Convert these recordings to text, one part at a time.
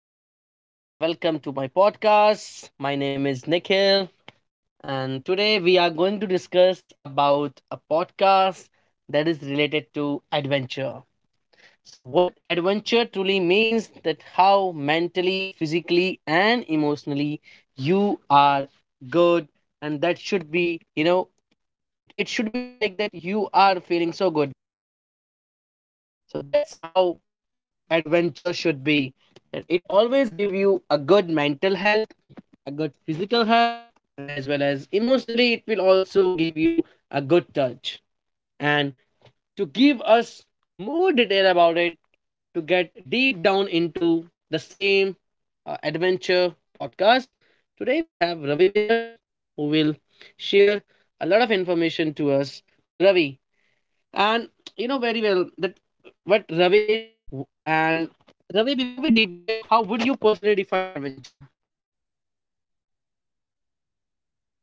Hello, everyone, and welcome to my podcast. My name is Nikhil, and today we are going to discuss about a podcast that is related to adventure. So, what adventure truly means that how mentally, physically, and emotionally you are good, and that should be, it should be like that you are feeling so good. So, that's how adventure should be that it always give you a good mental health a good physical health, and as well as emotionally, it will also give you a good touch. And to give us more detail about it, to get deep down into the same adventure podcast, today we have Ravi with us who will share a lot of information to us. So, Ravi, and you know very well that what Ravi is, and Ravi, before we deep dive, how would you personally define adventure?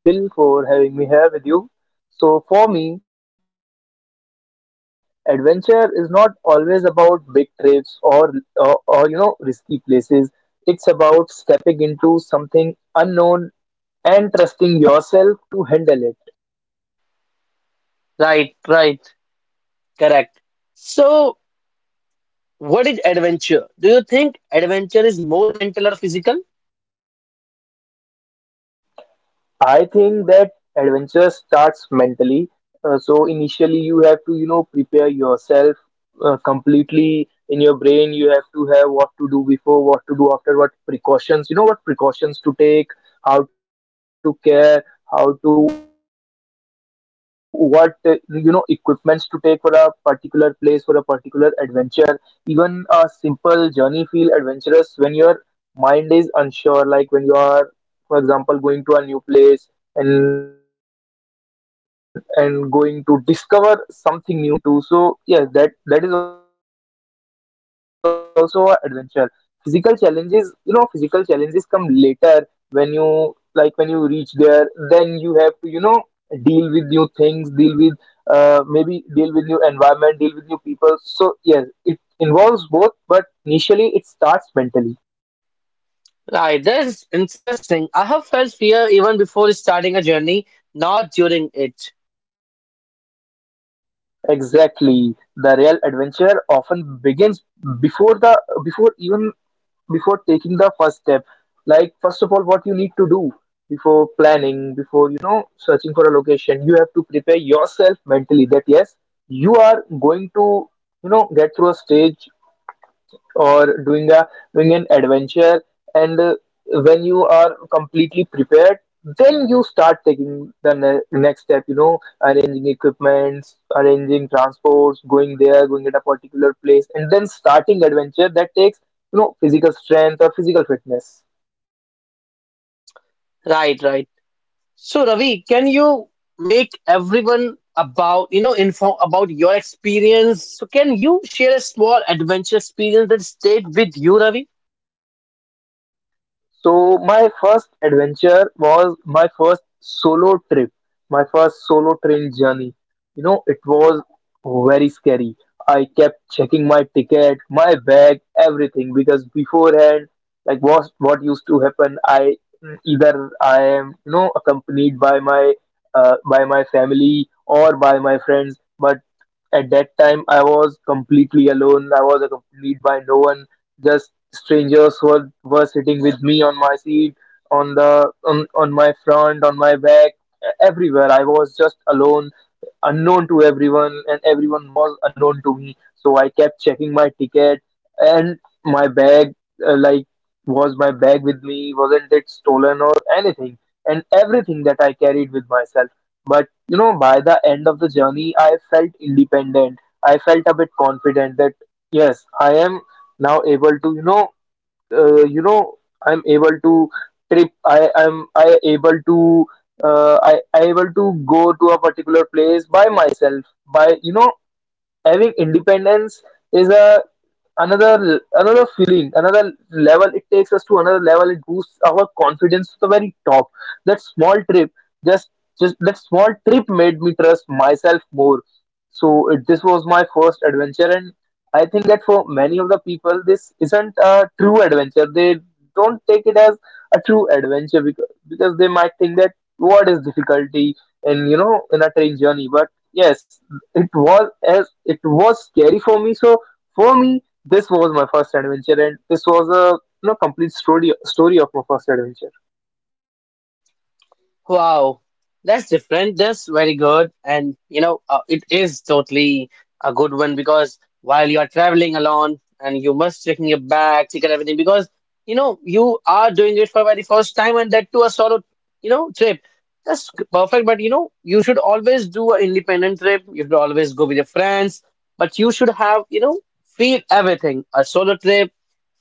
So, first of all, thank you, Nikhil, for having me here with you. So, for me, adventure is not always about big trips or risky places. It's about stepping into something unknown and trusting yourself to handle it. Right, right. Correct. So, what is adventure? Do you think adventure is more mental or physical? I think that adventure starts mentally. So initially, you have to, prepare yourself completely in your brain. You have to have what to do before, what to do after, what precautions, what precautions to take, how to care, how to, what, equipments to take for a particular place, for a particular adventure. Even a simple journey feel adventurous when your mind is unsure, like when you are, for example, going to a new place and going to discover something new, going to a road which you never been to. So yes, that is an adventure. Physical challenges, you know, physical challenges come later, when you, like when you reach there, then you have to, you know, deal with new things, deal with, maybe deal with new environment, deal with new people. So yes, it involves both, but initially it starts mentally. Right, that's interesting. I have felt fear even before starting a journey, not during it. Exactly. The real adventure often begins before the before even before taking the first step. Like first of all, what you need to do before planning, before, searching for a location, you have to prepare yourself mentally that yes, you are going to, get through a stage, or doing an adventure. And when you are completely prepared, then you start taking the next step, you know, arranging equipments, arranging transports, going there, going at a particular place, and then starting adventure. That takes, you know, physical strength or physical fitness. Right, right. So, Ravi, can you make everyone about, inform about your experience? So, can you share a small adventure experience that stayed with you, Ravi? So my first adventure was my first solo trip, my first solo train journey. You know, it was very scary. I kept checking my ticket, my bag, everything, because beforehand, like what used to happen, I, either I am, you know, accompanied by my, by my family or by my friends, but at that time I was completely alone. I was accompanied by no one, just strangers who were sitting with me on my seat, on on my front, on my back, everywhere. I was just alone, unknown to everyone, and everyone was unknown to me. So I kept checking my ticket and my bag, like, was my bag with me, wasn't it stolen or anything, and everything that I carried with myself. But you know, by the end of the journey, I felt independent. I felt a bit confident that yes, I am now able to, you know, uh, you know I'm able to trip I am I able to go to a particular place by myself, by, you know, having independence. Is a, another feeling, another level. It takes us to another level. It boosts our confidence to the very top. That small trip, just just that small trip made me trust myself more. So this was my first adventure. And I think that for many of the people this isn't a true adventure. They don't take it as a true adventure because they might think that what is difficulty in, you know, in a train journey. But yes, it was, as it was scary for me, so for me this was my first adventure, and this was a, you know, complete story of my first adventure. Wow, that's different. That's very good. It is totally a good one because while you are traveling alone and you must checking your bag, check and everything because you know you are doing it for very first time and that to a solo, trip. That's perfect. But you should always do an independent trip. You should always go with your friends, but you should have, feel everything. A solo trip,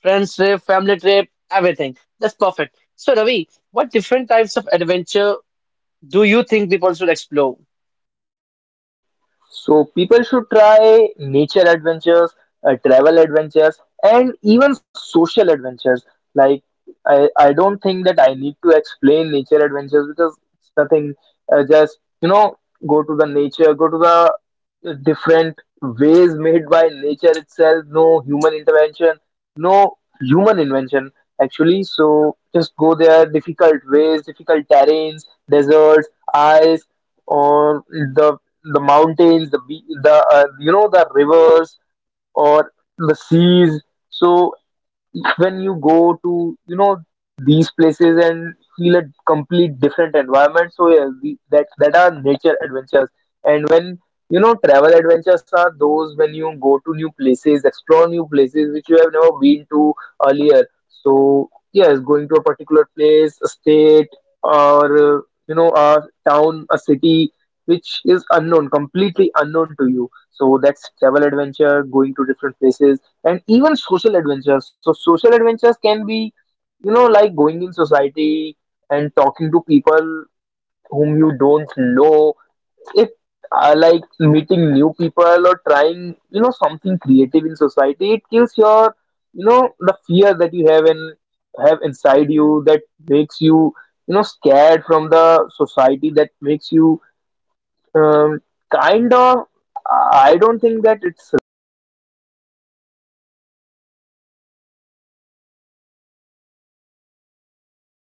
friends trip, family trip, everything. That's perfect. So Ravi, what different types of adventure do you think people should explore So people should try nature adventures, travel adventures, and even social adventures. Like I don't think that I need to explain nature adventures, because it's nothing. Just, you know, go to the nature, go to the different ways made by nature itself. No human intervention, no human invention actually. So just go there. Difficult ways, difficult terrains, deserts, ice, or the mountains, the be- the you know, the rivers or the seas. So when you go to, you know, these places and feel a complete different environment, so yeah, that are nature adventures. And when, you know, travel adventures are those when you go to new places, explore new places which you have never been to earlier. So yes, going to a particular place, a state, or you know, a town, a city, which is unknown, completely unknown to you, so that's travel adventure, going to different places. And even social adventures. So social adventures can be, you know, like going in society and talking to people whom you don't know. If like, meeting new people, or trying, you know, something creative in society, it kills your, you know, the fear that you have, and have inside you, that makes you, you know, scared from the society, that makes you, um, kind of. I don't think that it's right word. Paranoid isn't the right word, but yes, social. When you are, you know, socially,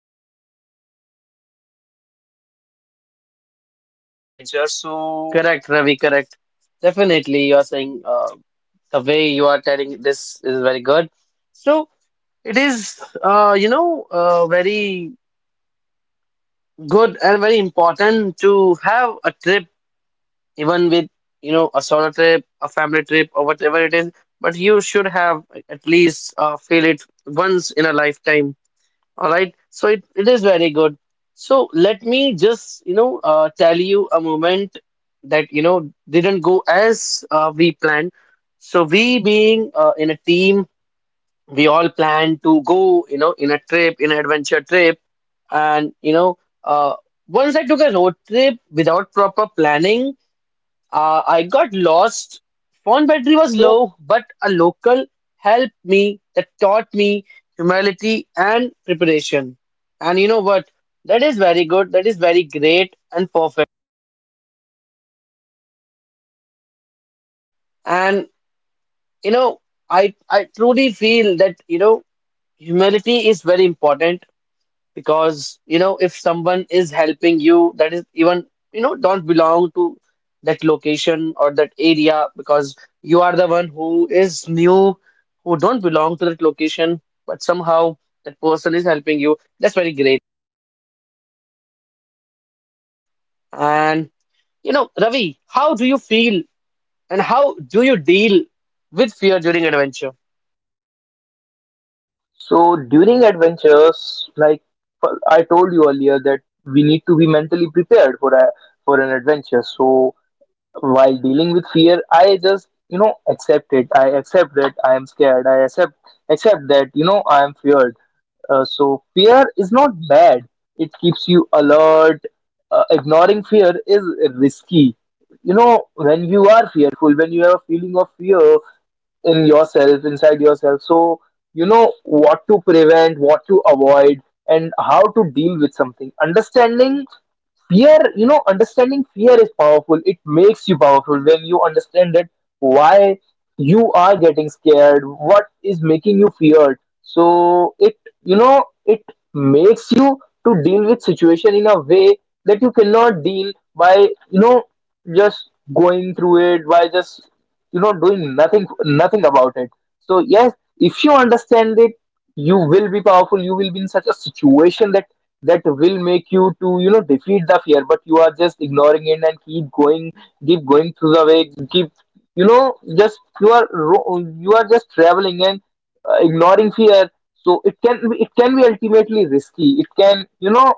when you are socially, you know, when when you perform social adventure? adventure, So so correct, correct, Ravi, Ravi, correct. correct. Definitely, Definitely, you you are are saying, saying the the way way you you are are telling telling this this is is very very good. good. So So, it it is, is, very very good good and and very very important important to to have have a a trip, trip, even even with, with, you know, a a solo solo trip, trip, a a family family trip, trip, or or whatever whatever it it is. is. But But you you should should have have at at least, least feel feel it it once. once in a lifetime. All right, so it is very good. So let me just, tell you a moment that, didn't go as we planned. So we being in a team, we all planned to go, in a trip, in an adventure trip. And, you know, uh, once I took a road trip without proper planning, I got lost. Phone battery was low, but a local helped me that taught me humility and preparation. And you know what? That is very good. That is very great and perfect. And you know, I I truly feel that you know humility is very important because you know if someone is helping you that is even you know don't belong to that location or that area because you are the one who is new who don't belong to that location, but somehow that person is helping you, that's very great. And you know, Ravi, how do you feel and how do you deal with fear during adventure? So during adventures, like, I told you earlier, that we need to be mentally prepared for a, for an adventure. So while dealing with fear, I just, you know, accept it. I accept that I am scared. I accept that, you know, I am feared. So fear is not bad. It keeps you alert. Ignoring fear is risky. You know, when you are fearful, when you have a feeling of fear in yourself, inside yourself. So you know what to prevent, what to avoid, and how to deal with something. Understanding fear, you know, understanding fear is powerful. It makes you powerful when you understand that why you are getting scared, what is making you feared. So it, you know, it makes you to deal with situation in a way that you cannot deal by, you know, just going through it, by just, you know, doing nothing about it. So yes, if you understand it, you will be powerful, you will be in such a situation that will make you to, you know, defeat the fear. But you are just ignoring it and keep going, keep going through the way, keep, you know, just, you are you are just traveling and ignoring fear. So it can be, it can be ultimately risky. It can, you know,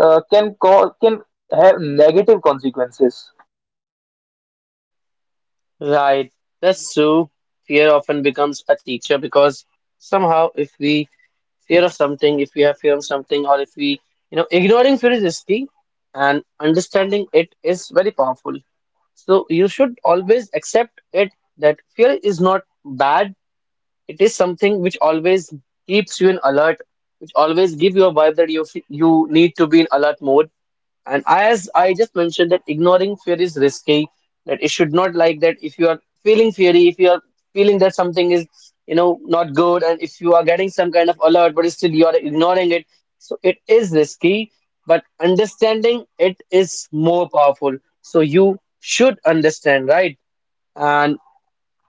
can cause, can have negative consequences. Right, that's true. Fear often becomes a teacher because somehow if we fear of something, if we have fear of something, or if we, ignoring fear is risky and understanding it is very powerful. So you should always accept it that fear is not bad, it is something which always keeps you in alert, which always give you a vibe that you need to be in alert mode. And as I just mentioned that ignoring fear is risky, that it should not like that if you are feeling feary, if you are feeling that something is, not good, and if you are getting some kind of alert, but still you are ignoring it. So it is risky, but understanding it is more powerful. So you should understand, right? And.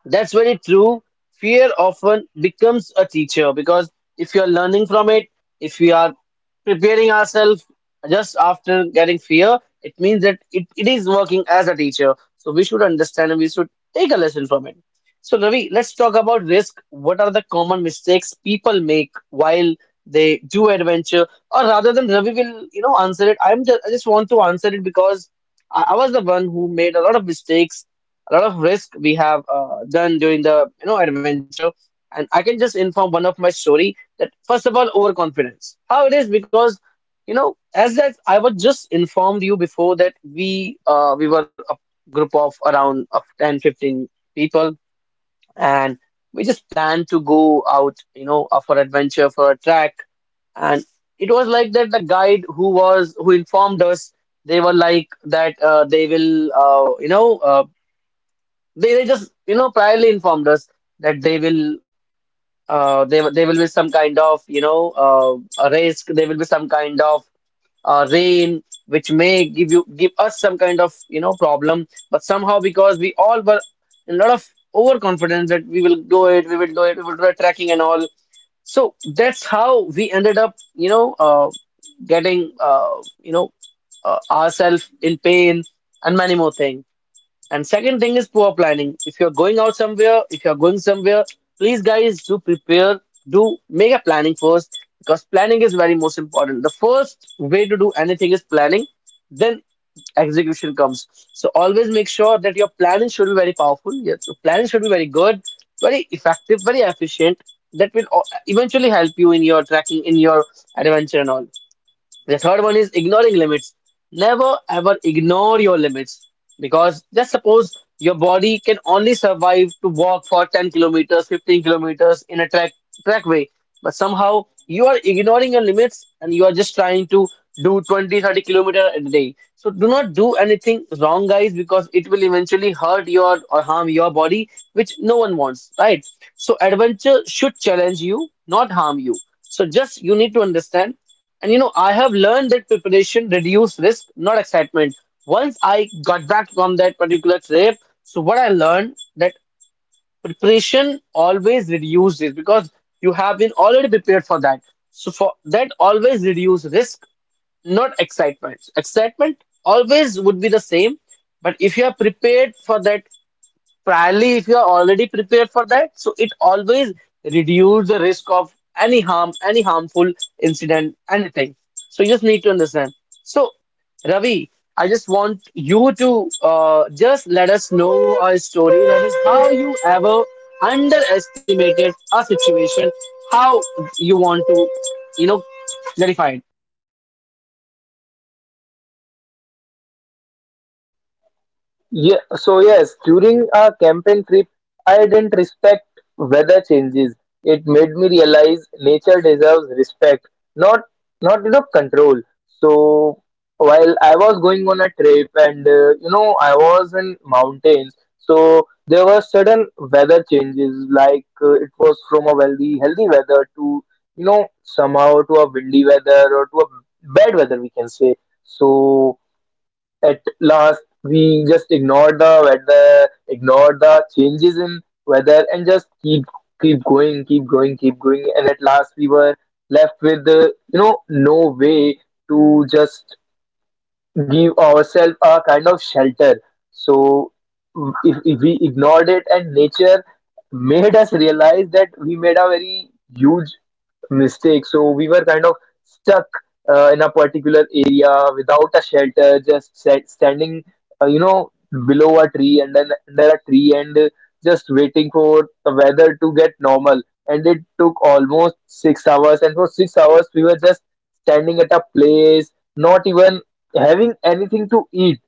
That's very true. Fear often becomes a teacher because if you're learning from it, if we are preparing ourselves just after getting fear, it means that it is working as a teacher. So we should understand and we should take a lesson from it. So, Ravi, let's talk about risk. What are the common mistakes people make while they do adventure? Or rather than Ravi will, answer it, I just want to answer it because I was the one who made a lot of mistakes, a lot of risk we have done during the you know adventure. And I can just inform one of my story that first of all overconfidence how it is because you know as that I was just informed you before that we were a group of around of 10-15 people. And we just planned to go out for adventure for a track. And it was like that the guide who was who informed us, they were like that they will you know they just, priorly informed us that they will be some kind of, a risk. There will be some kind of rain, which may give us some kind of, problem. But somehow, because we all were a lot of overconfidence that we will do it, we will do it, we will do a tracking and all. So that's how we ended up, getting, you know, ourselves in pain and many more things. And second thing is poor planning. If you're going out somewhere, if you're going somewhere, please guys do prepare, do make a planning first because planning is very most important. The first way to do anything is planning, then execution comes. So always make sure that your planning should be very powerful. Your planning should be very good, very effective, very efficient. That will eventually help you in your tracking, in your adventure and all. The third one is ignoring limits. Never ever ignore your limits because just suppose your body can only survive to walk for 10 kilometers, 15 kilometers in a trackway, but somehow you are ignoring your limits and you are just trying to do 20, 30 kilometers a day. So do not do anything wrong, guys, because it will eventually hurt your or harm your body, which no one wants, right? So adventure should challenge you, not harm you. So just you need to understand. I have learned that preparation reduce risk, not excitement. Once I got back from that particular trip, so what I learned that preparation always reduces risk because you have been already prepared for that. So for that always reduce risk, not excitement. Excitement always would be the same, but if you are prepared for that priorly, if you are already prepared for that, so it always reduce the risk of any harm, any harmful incident, anything. So you just need to understand. So Ravi, I just want you to just let us know a story, that is how you ever underestimated a situation, how you want to you know clarify. Yeah, so yes, during our campaign trip, I didn't respect weather changes. It made me realize nature deserves respect, not you know, control. So while I was going on a trip, and, you know, I was in mountains, so there were sudden weather changes. Like, it was from a healthy weather to, you know, somehow to a windy weather or to a bad weather, we can say. So at last we just ignored the weather, ignored the changes in weather, and just keep going, keep going, keep going. And at last we were left with, you know, no way to just give ourselves a kind of shelter. So if we ignored it, and nature made us realize that we made a very huge mistake. So we were kind of stuck, in a particular area without a shelter, just standing, you know, below a tree and then under a tree, and just waiting for the weather to get normal. And it took almost 6 hours, and for 6 hours we were just standing at a place, not even having anything to eat,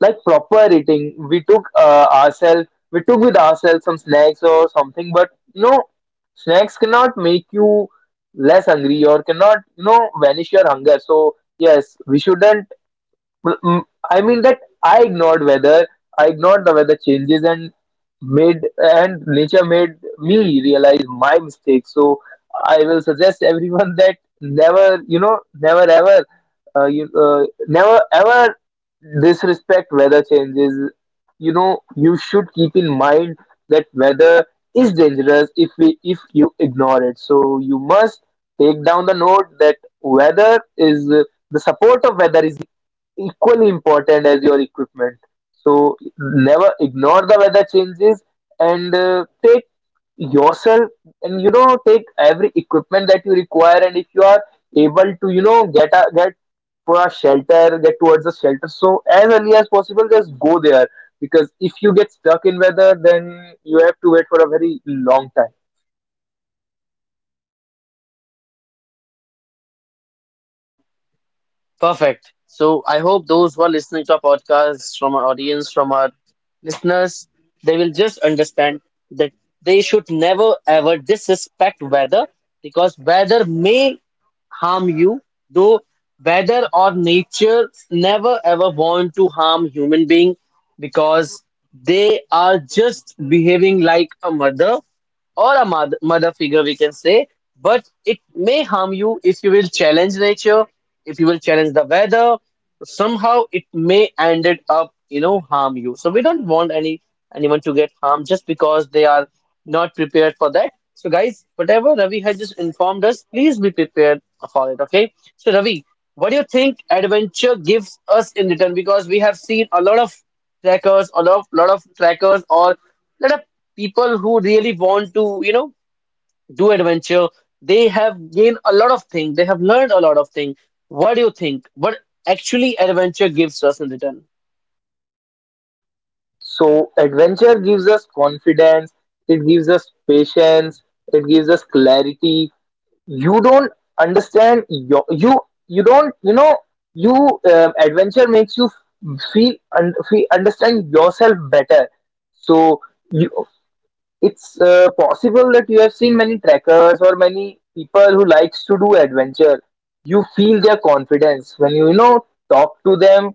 like proper eating. We took, ourselves, we took with ourselves some snacks or something, but you know, snacks cannot make you less hungry, or cannot, you know, vanish your hunger. So yes, we shouldn't, well, I mean that I ignored weather. I ignored the weather changes, and made and nature made me realize my mistake. So I will suggest everyone that never, you know, never ever, you never ever disrespect weather changes. You know, you should keep in mind that weather is dangerous if we if you ignore it. So you must take down the note that weather is the support of weather is equally important as your equipment. So never ignore the weather changes and take yourself and, you know, take every equipment that you require. And if you are able to, you know, get for a shelter, get towards a shelter, so as early as possible just go there, because if you get stuck in weather then you have to wait for a very long time. Perfect. So I hope those who are listening to our podcast, from our audience, from our listeners, they will just understand that they should never ever disrespect weather, because weather may harm you, though weather or nature never ever want to harm human being, because they are just behaving like a mother figure we can say, but it may harm you if you will challenge nature, if you will challenge the weather, somehow it may ended up harm you. So we don't want anyone to get harmed just because they are not prepared for that. So guys, whatever Ravi has just informed us, please be prepared for it. Okay, so Ravi, what do you think adventure gives us in return? Because we have seen a lot of trackers, a lot of trackers or lot of people who really want to do adventure, they have gained a lot of things, they have learned a lot of things. What do you think, what actually adventure gives us in return? So adventure gives us confidence, it gives us patience, it gives us clarity. You don't understand your, you don't you know you Adventure makes you feel, understand yourself better. So you, it's uh, possible that you have seen many trekkers or many people who likes to do adventure. You feel their confidence when you know, talk to them.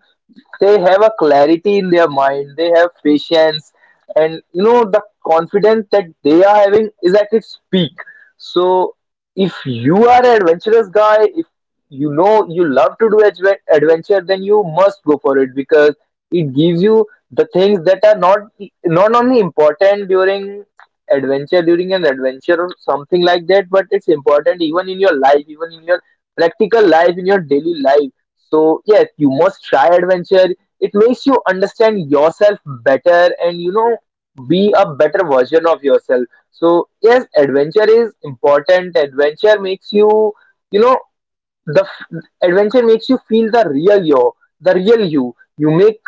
They have a clarity in their mind. They have patience, and, you know, the confidence that they are having is at its peak. So if you are an adventurous guy, if you know you love to do adventure, then you must go for it, because it gives you the things that are not only important during adventure during an adventure or something like that, but it's important even in your life, even in your practical life, in your daily life. So yes, you must try adventure. It makes you understand yourself better, and, you know, be a better version of yourself. So yes, adventure is important. Adventure makes you, you know, adventure makes you feel the real you. The real you, you make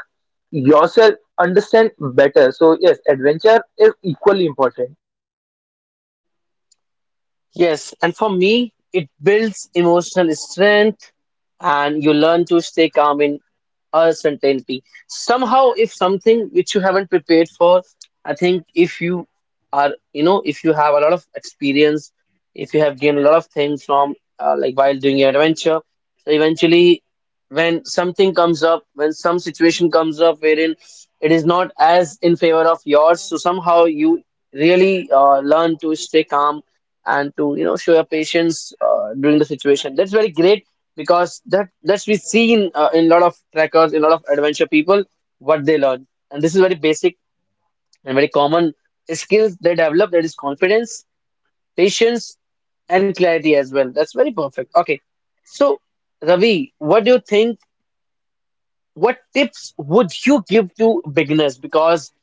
yourself understand better. So yes, adventure is equally important. Yes, and for me it builds emotional strength and you learn to stay calm in uncertainty. Somehow, if something which you haven't prepared for, I think if you are, if you have a lot of experience, if you have gained a lot of things from, like while doing your adventure, so eventually, when something comes up, when some situation comes up wherein it is not as in favor of yours, so somehow you really learn to stay calm and to show your patience during the situation. That's very great because that's we seen in a lot of trekkers, in a lot of adventure people what they learn, and this is very basic and very common skills they develop. That is confidence, patience, and clarity as well. That's very perfect. Okay, so Ravi, what do you think? What tips would you give to beginners? Because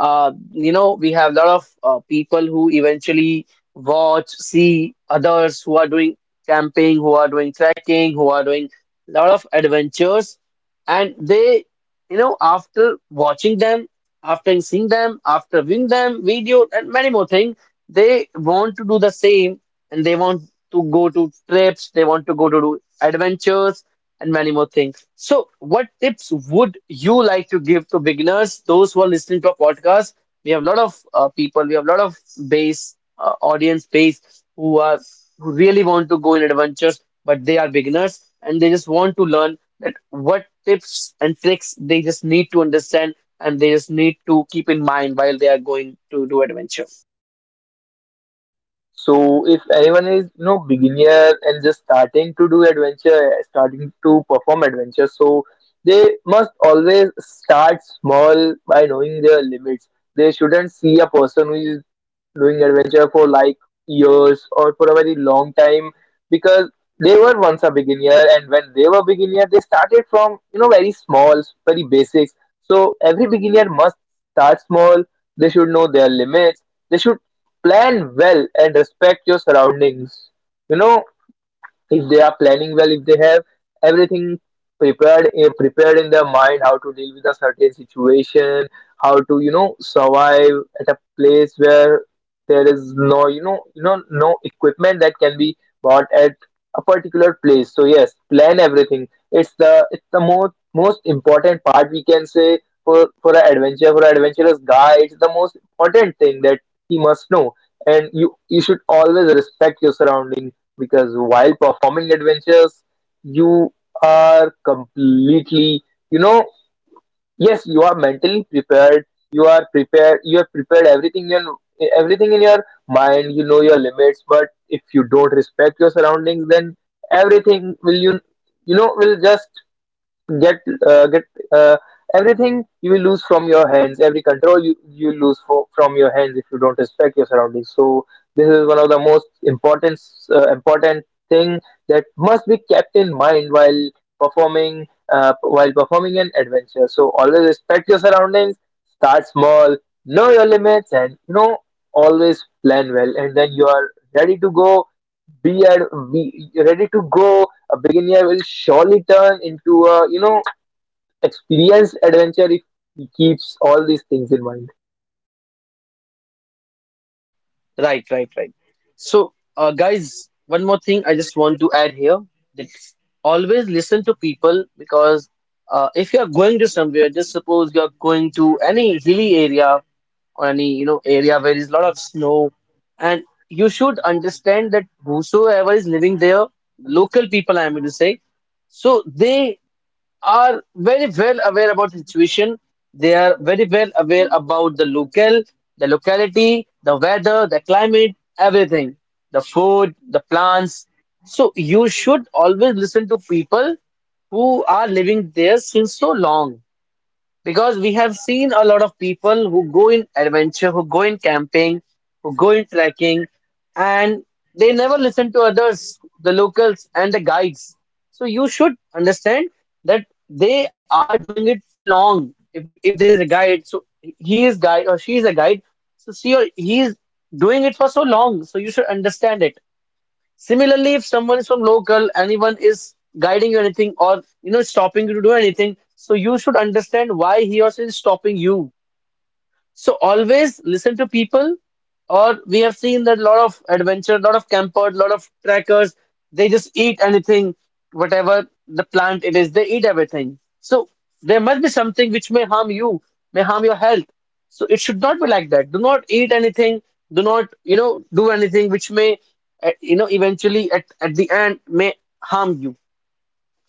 we have a lot of people who eventually watch, see others who are doing camping, who are doing trekking, who are doing a lot of adventures. And they, after watching them, after seeing them, after viewing them, video, and many more things, they want to do the same and they want to go to trips, they want to go to do adventures and many more things. So, what tips would you like to give to beginners, those who are listening to our podcast? We have a lot of people, we have a lot of base audience base who are who really want to go in adventures, but they are beginners and they just want to learn that what tips and tricks they just need to understand and they just need to keep in mind while they are going to do adventure. So if anyone is, you know, beginner and just starting to do adventure, starting to perform adventure, so they must always start small by knowing their limits. They shouldn't see a person who is doing adventure for like years or for a very long time, because they were once a beginner, and when they were beginner they started from, you know, very small, very basics. So every beginner must start small, they should know their limits, they should plan well and respect your surroundings. You know, if they are planning well, if they have everything prepared in their mind, how to deal with a certain situation, how to, you know, survive at a place where there is no, you know, you know, no equipment that can be bought at a particular place. So yes, plan everything. It's the most important part, we can say, for an adventure, for an adventurous guy. It's the most important thing that he must know, and you should always respect your surroundings, because while performing adventures, you are completely, you know, yes, you are mentally prepared. You are prepared. You have prepared everything in your mind. You know your limits, but if you don't respect your surroundings, then everything will you, you know, will just get get uh, everything you will lose from your hands, every control you lose from your hands if you don't respect your surroundings. So this is one of the most important important thing that must be kept in mind performing while performing an adventure. So always respect your surroundings, start small, know your limits, and, you know, always plan well, and then you are ready to go. Be, at, be ready to go. A beginner will surely turn into a, you know, experienced adventure if he keeps all these things in mind. Right, right, right. So, guys, one more thing I just want to add here that always listen to people because if you are going to somewhere, just suppose you are going to any hilly area or any you know area where is a lot of snow, and you should understand that whosoever is living there, local people, I am going to say, so they are very well aware about the situation. They are very well aware about the local, the locality, the weather, the climate, everything, the food, the plants. So you should always listen to people who are living there since so long. Because we have seen a lot of people who go in adventure, who go in camping, who go in trekking, and they never listen to others, the locals and the guides. So you should understand that they are doing it for long. If there is a guide, so he is guide or she is a guide, so she or he is doing it for so long. So you should understand it. Similarly, if someone is from local, anyone is guiding you anything or you know stopping you to do anything, so you should understand why he or she is stopping you. So always listen to people, or we have seen that a lot of adventure, lot of campers, lot of trackers, they just eat anything, whatever the plant it is, they eat everything. So there must be something which may harm you, may harm your health. So it should not be like that. Do not eat anything, do not, you know, do anything which may, you know, eventually at the end may harm you.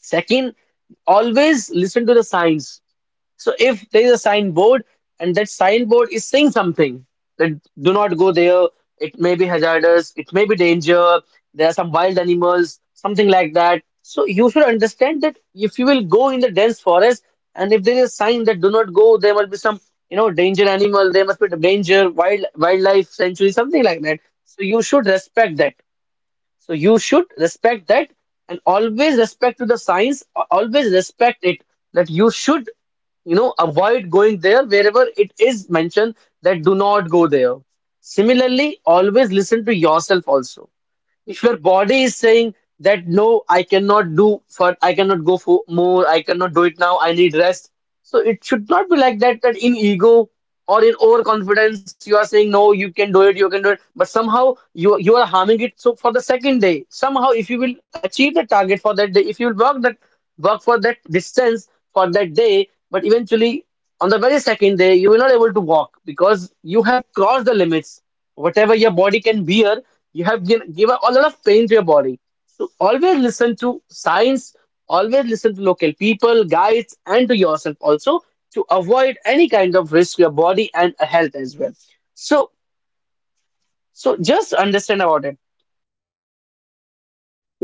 Second, always listen to the signs if there is a signboard and that signboard is saying something that do not go there, it may be hazardous, it may be danger, there are some wild animals, something like that. So you should understand that if you will go in the dense forest and if there is a sign that do not go, there must be some, you know, danger animal, there must be the danger, wildlife sanctuary, something like that. So you should respect that. So you should respect that and always respect to the science, always respect it that you should, you know, avoid going there wherever it is mentioned that do not go there. Similarly, always listen to yourself also if your body is saying that no, I cannot do for I cannot go for more, I cannot do it now, I need rest. So it should not be like that that in ego or in overconfidence you are saying no, you can do it, you can do it, but somehow you are harming it. So for the second day, somehow if you will achieve the target for that day, if you will work that work for that distance for that day, but eventually on the very second day you will not able to walk because you have crossed the limits whatever your body can bear. You have given a lot of pain to your body. So always listen to science, always listen to local people, guides, and to yourself also to avoid any kind of risk to your body and health as well. So, so just understand about it.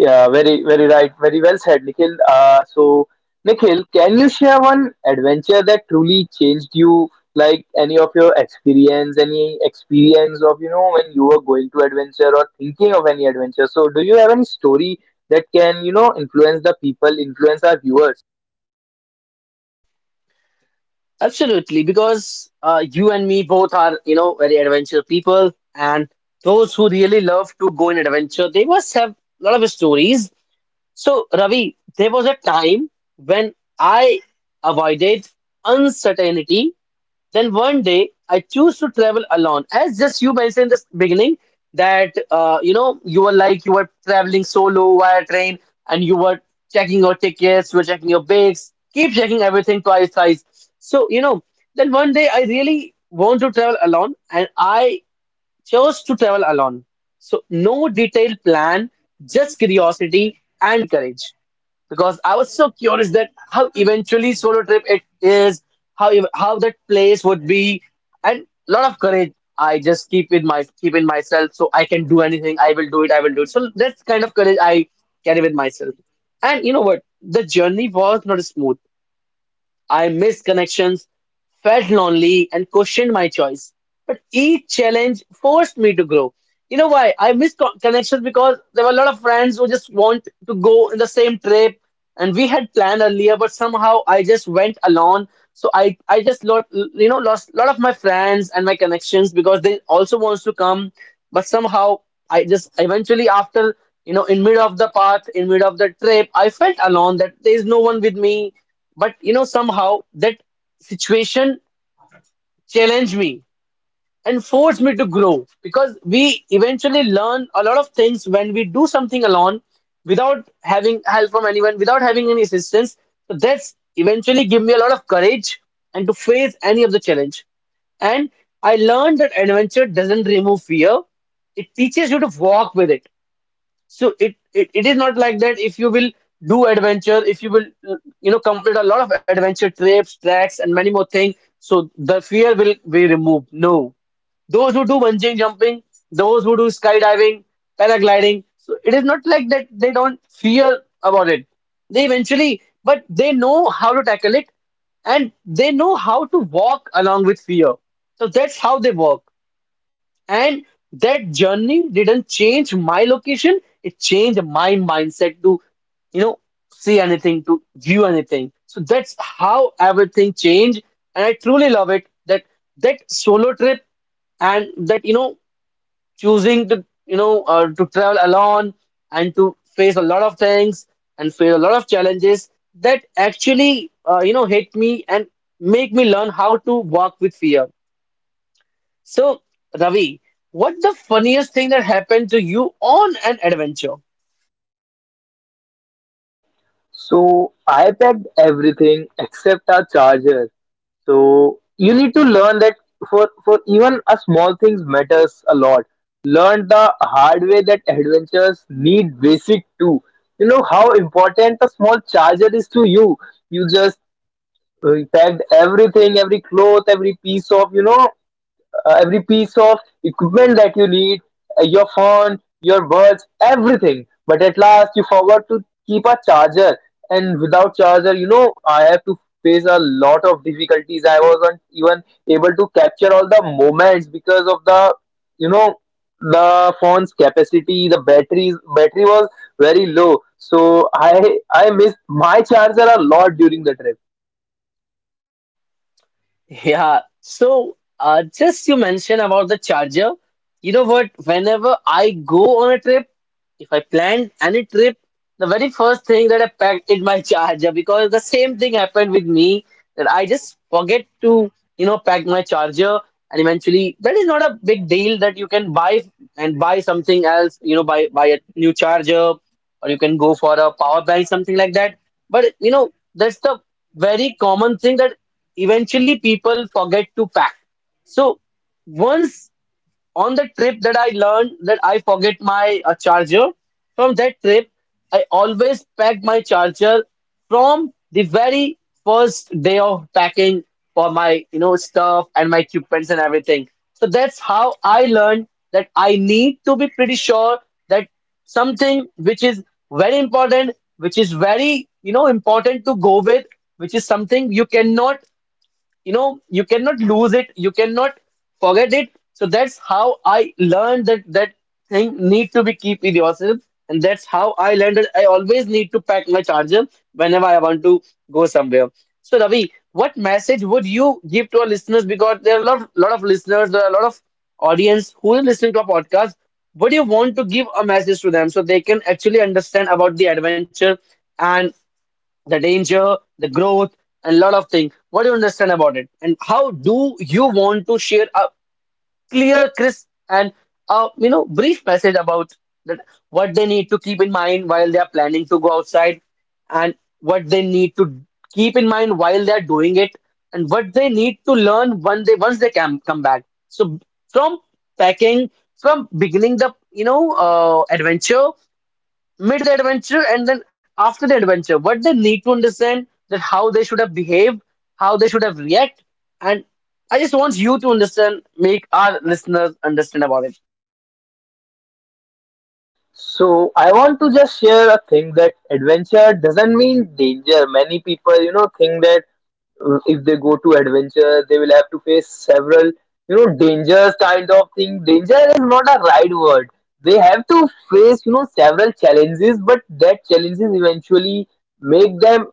Yeah, very very right, very well said, Nikhil. So Nikhil, can you share one adventure that truly changed you, like any of your experience, any experience of, you know, when you were going to adventure or thinking of any adventure? So do you have any story that can, you know, influence the people, influence our viewers? Absolutely, because you and me both are, you know, very adventurous people, and those who really love to go in adventure, they must have a lot of stories. So, Ravi, there was a time when I avoided uncertainty. Then one day I choose to travel alone. As just you mentioned in the beginning that you know you were like you were traveling solo via train and you were checking your tickets, you were checking your bags, keep checking everything twice, thrice. So you know, then one day I really want to travel alone, and I chose to travel alone. So no detailed plan, just curiosity and courage because I was so curious that how eventually solo trip it is, how that place would be, and lot of courage I just keep in myself, so I can do anything. I will do it. I will do it. So that's kind of courage I carry with myself. And you know what? The journey was not smooth. I missed connections, felt lonely, and questioned my choice. But each challenge forced me to grow. You know why? I missed connections because there were a lot of friends who just want to go in the same trip, and we had planned earlier, but somehow I just went alone. So I just lot you know lost a lot of my friends and my connections because they also wants to come, but somehow I just eventually after you know in mid of the path in mid of the trip I felt alone that there is no one with me, but you know somehow that situation challenge me and force me to grow because we eventually learn a lot of things when we do something alone without having help from anyone without having any assistance. So that's eventually give me a lot of courage and to face any of the challenge. And I learned that adventure doesn't remove fear, it teaches you to walk with it. So it is not like that. If you will do adventure, if you will uh, you know complete a lot of adventure trips, tracks, and many more things, so the fear will be removed. No, those who do bungee jumping, those who do skydiving, paragliding, so it is not like that. They don't fear about it. They eventually, but they know how to tackle it, and they know how to walk along with fear. So that's how they work. And that journey didn't change my location, it changed my mindset to, you know, see anything, to view anything. So that's how everything changed. And I truly love it that that solo trip and that, you know, choosing to, you know, to travel alone and to face a lot of things and face a lot of challenges that actually, you know, hit me and make me learn how to walk with fear. So, Ravi, what the funniest thing that happened to you on an adventure? So I packed everything except our charger. So you need to learn that for even a small things matters a lot. Learn the hard way that adventures need basic too. You know how important a small charger is to you. You just packed everything, every cloth, every piece of, you know, every piece of equipment that you need, your phone, your watch, everything. But at last, you forgot to keep a charger, and without charger, you know, I have to face a lot of difficulties. I wasn't even able to capture all the moments because of the, you know, the phone's capacity. The batteries battery was very low, so I missed my charger a lot during the trip. Yeah, so just you mentioned about the charger. You know what? Whenever I go on a trip, if I planned any trip, the very first thing that I packed is my charger because the same thing happened with me that I just forget to, you know, pack my charger and eventually that is not a big deal that you can buy and buy something else, you know, buy a new charger or you can go for a power bank, something like that. But you know, that's the very common thing that eventually people forget to pack. So once on the trip that I learned that I forget my charger. From that trip, I always pack my charger from the very first day of packing for my you know stuff and my equipments and everything. So that's how I learned that I need to be pretty sure that something which is very important, which is very important to go with, which is something you cannot you cannot lose it, you cannot forget it. So that's how I learned that that thing need to be keep with yourself, and that's how I learned that I always need to pack my charger whenever I want to go somewhere. So Ravi, what message would you give to our listeners? Because there are a lot of listeners, there are a lot of audience who are listening to our podcast. What do you want to give a message to them, so they can actually understand about the adventure and the danger, the growth, and a lot of things? What do you understand about it? And how do you want to share a clear, crisp, and a brief message about that, what they need to keep in mind while they are planning to go outside, and what they need to keep in mind while they are doing it, and what they need to learn when they once they can come back. So from packing, from beginning the adventure, mid the adventure, and then after the adventure, what they need to understand, that how they should have behaved, how they should have react, and I just want you to understand, make our listeners understand about it. So I want to just share a thing that adventure doesn't mean danger. Many people, you know, think that if they go to adventure, they will have to face several, you know, dangers kind of thing. Danger is not a right word. They have to face, you know, several challenges, but that challenges eventually make them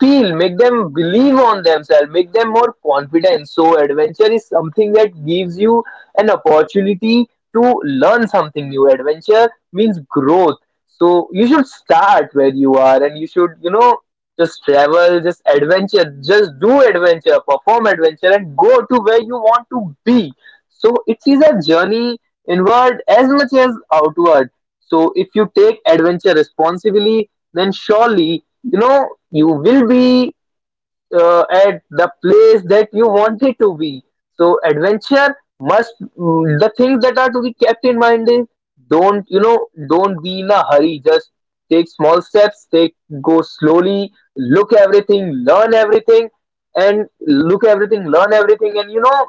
feel, make them believe on themselves, make them more confident. So, adventure is something that gives you an opportunity to learn something new. Adventure means growth. So, you should start where you are, and you should, you know, just travel, just adventure, just do adventure, perform adventure, and go to where you want to be. So, it is a journey inward as much as outward. So, if you take adventure responsibly, then surely, you know, you will be at the place that you wanted to be. So adventure must the things that are to be kept in mind is, don't, you know, don't be in a hurry, just take small steps, take go slowly, look everything, learn everything, and look everything, learn everything, and, you know,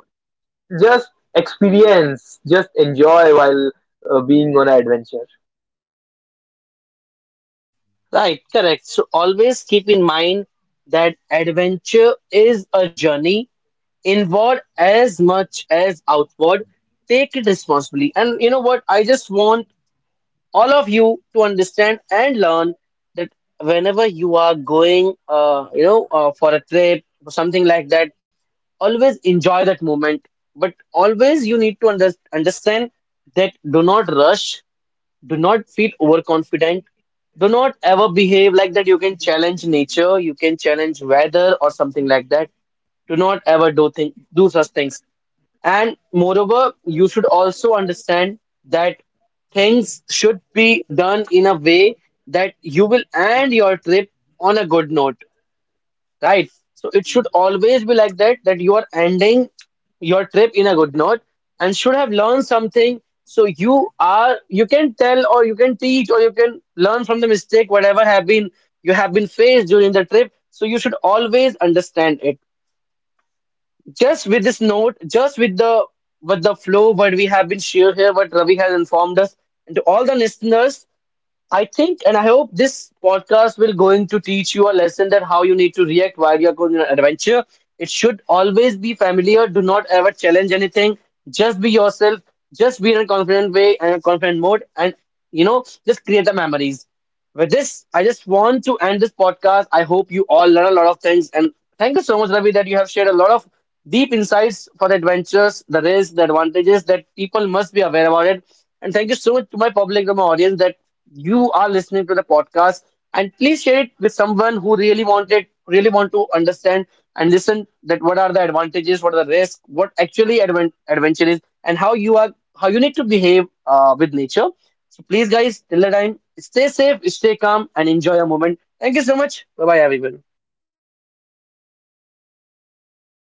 just experience, just enjoy while being on an adventure. Right, correct. So always keep in mind that adventure is a journey inward as much as outward. Take it responsibly. And you know what? I just want all of you to understand and learn that whenever you are going, for a trip or something like that, always enjoy that moment. But always you need to understand that do not rush, do not feel overconfident. Do not ever behave like that. You can challenge nature, you can challenge weather or something like that. Do not ever do such things. And moreover, you should also understand that things should be done in a way that you will end your trip on a good note, right? So it should always be like that, that you are ending your trip in a good note and should have learned something. So you are, you can tell or you can teach or you can learn from the mistake, whatever have been you have been faced during the trip. So you should always understand it. Just with this note, just with the flow, what we have been shared here, what Ravi has informed us, and to all the listeners. I think and I hope this podcast will going to teach you a lesson that how you need to react while you're going on an adventure. It should always be familiar. Do not ever challenge anything. Just be yourself. Just be in a confident way and a confident mode, and just create the memories. With this, I just want to end this podcast. I hope you all learn a lot of things. And thank you so much, Ravi, that you have shared a lot of deep insights for the adventures, the risks, the advantages that people must be aware about it. And thank you so much to my public, to my audience, that you are listening to the podcast. And please share it with someone who really really want to understand and listen that what are the advantages, what are the risks, what actually adventure is, and how you are, how you need to behave with nature. So please, guys, till the time, stay safe, stay calm, and enjoy your moment. Thank you so much. Bye bye, everyone.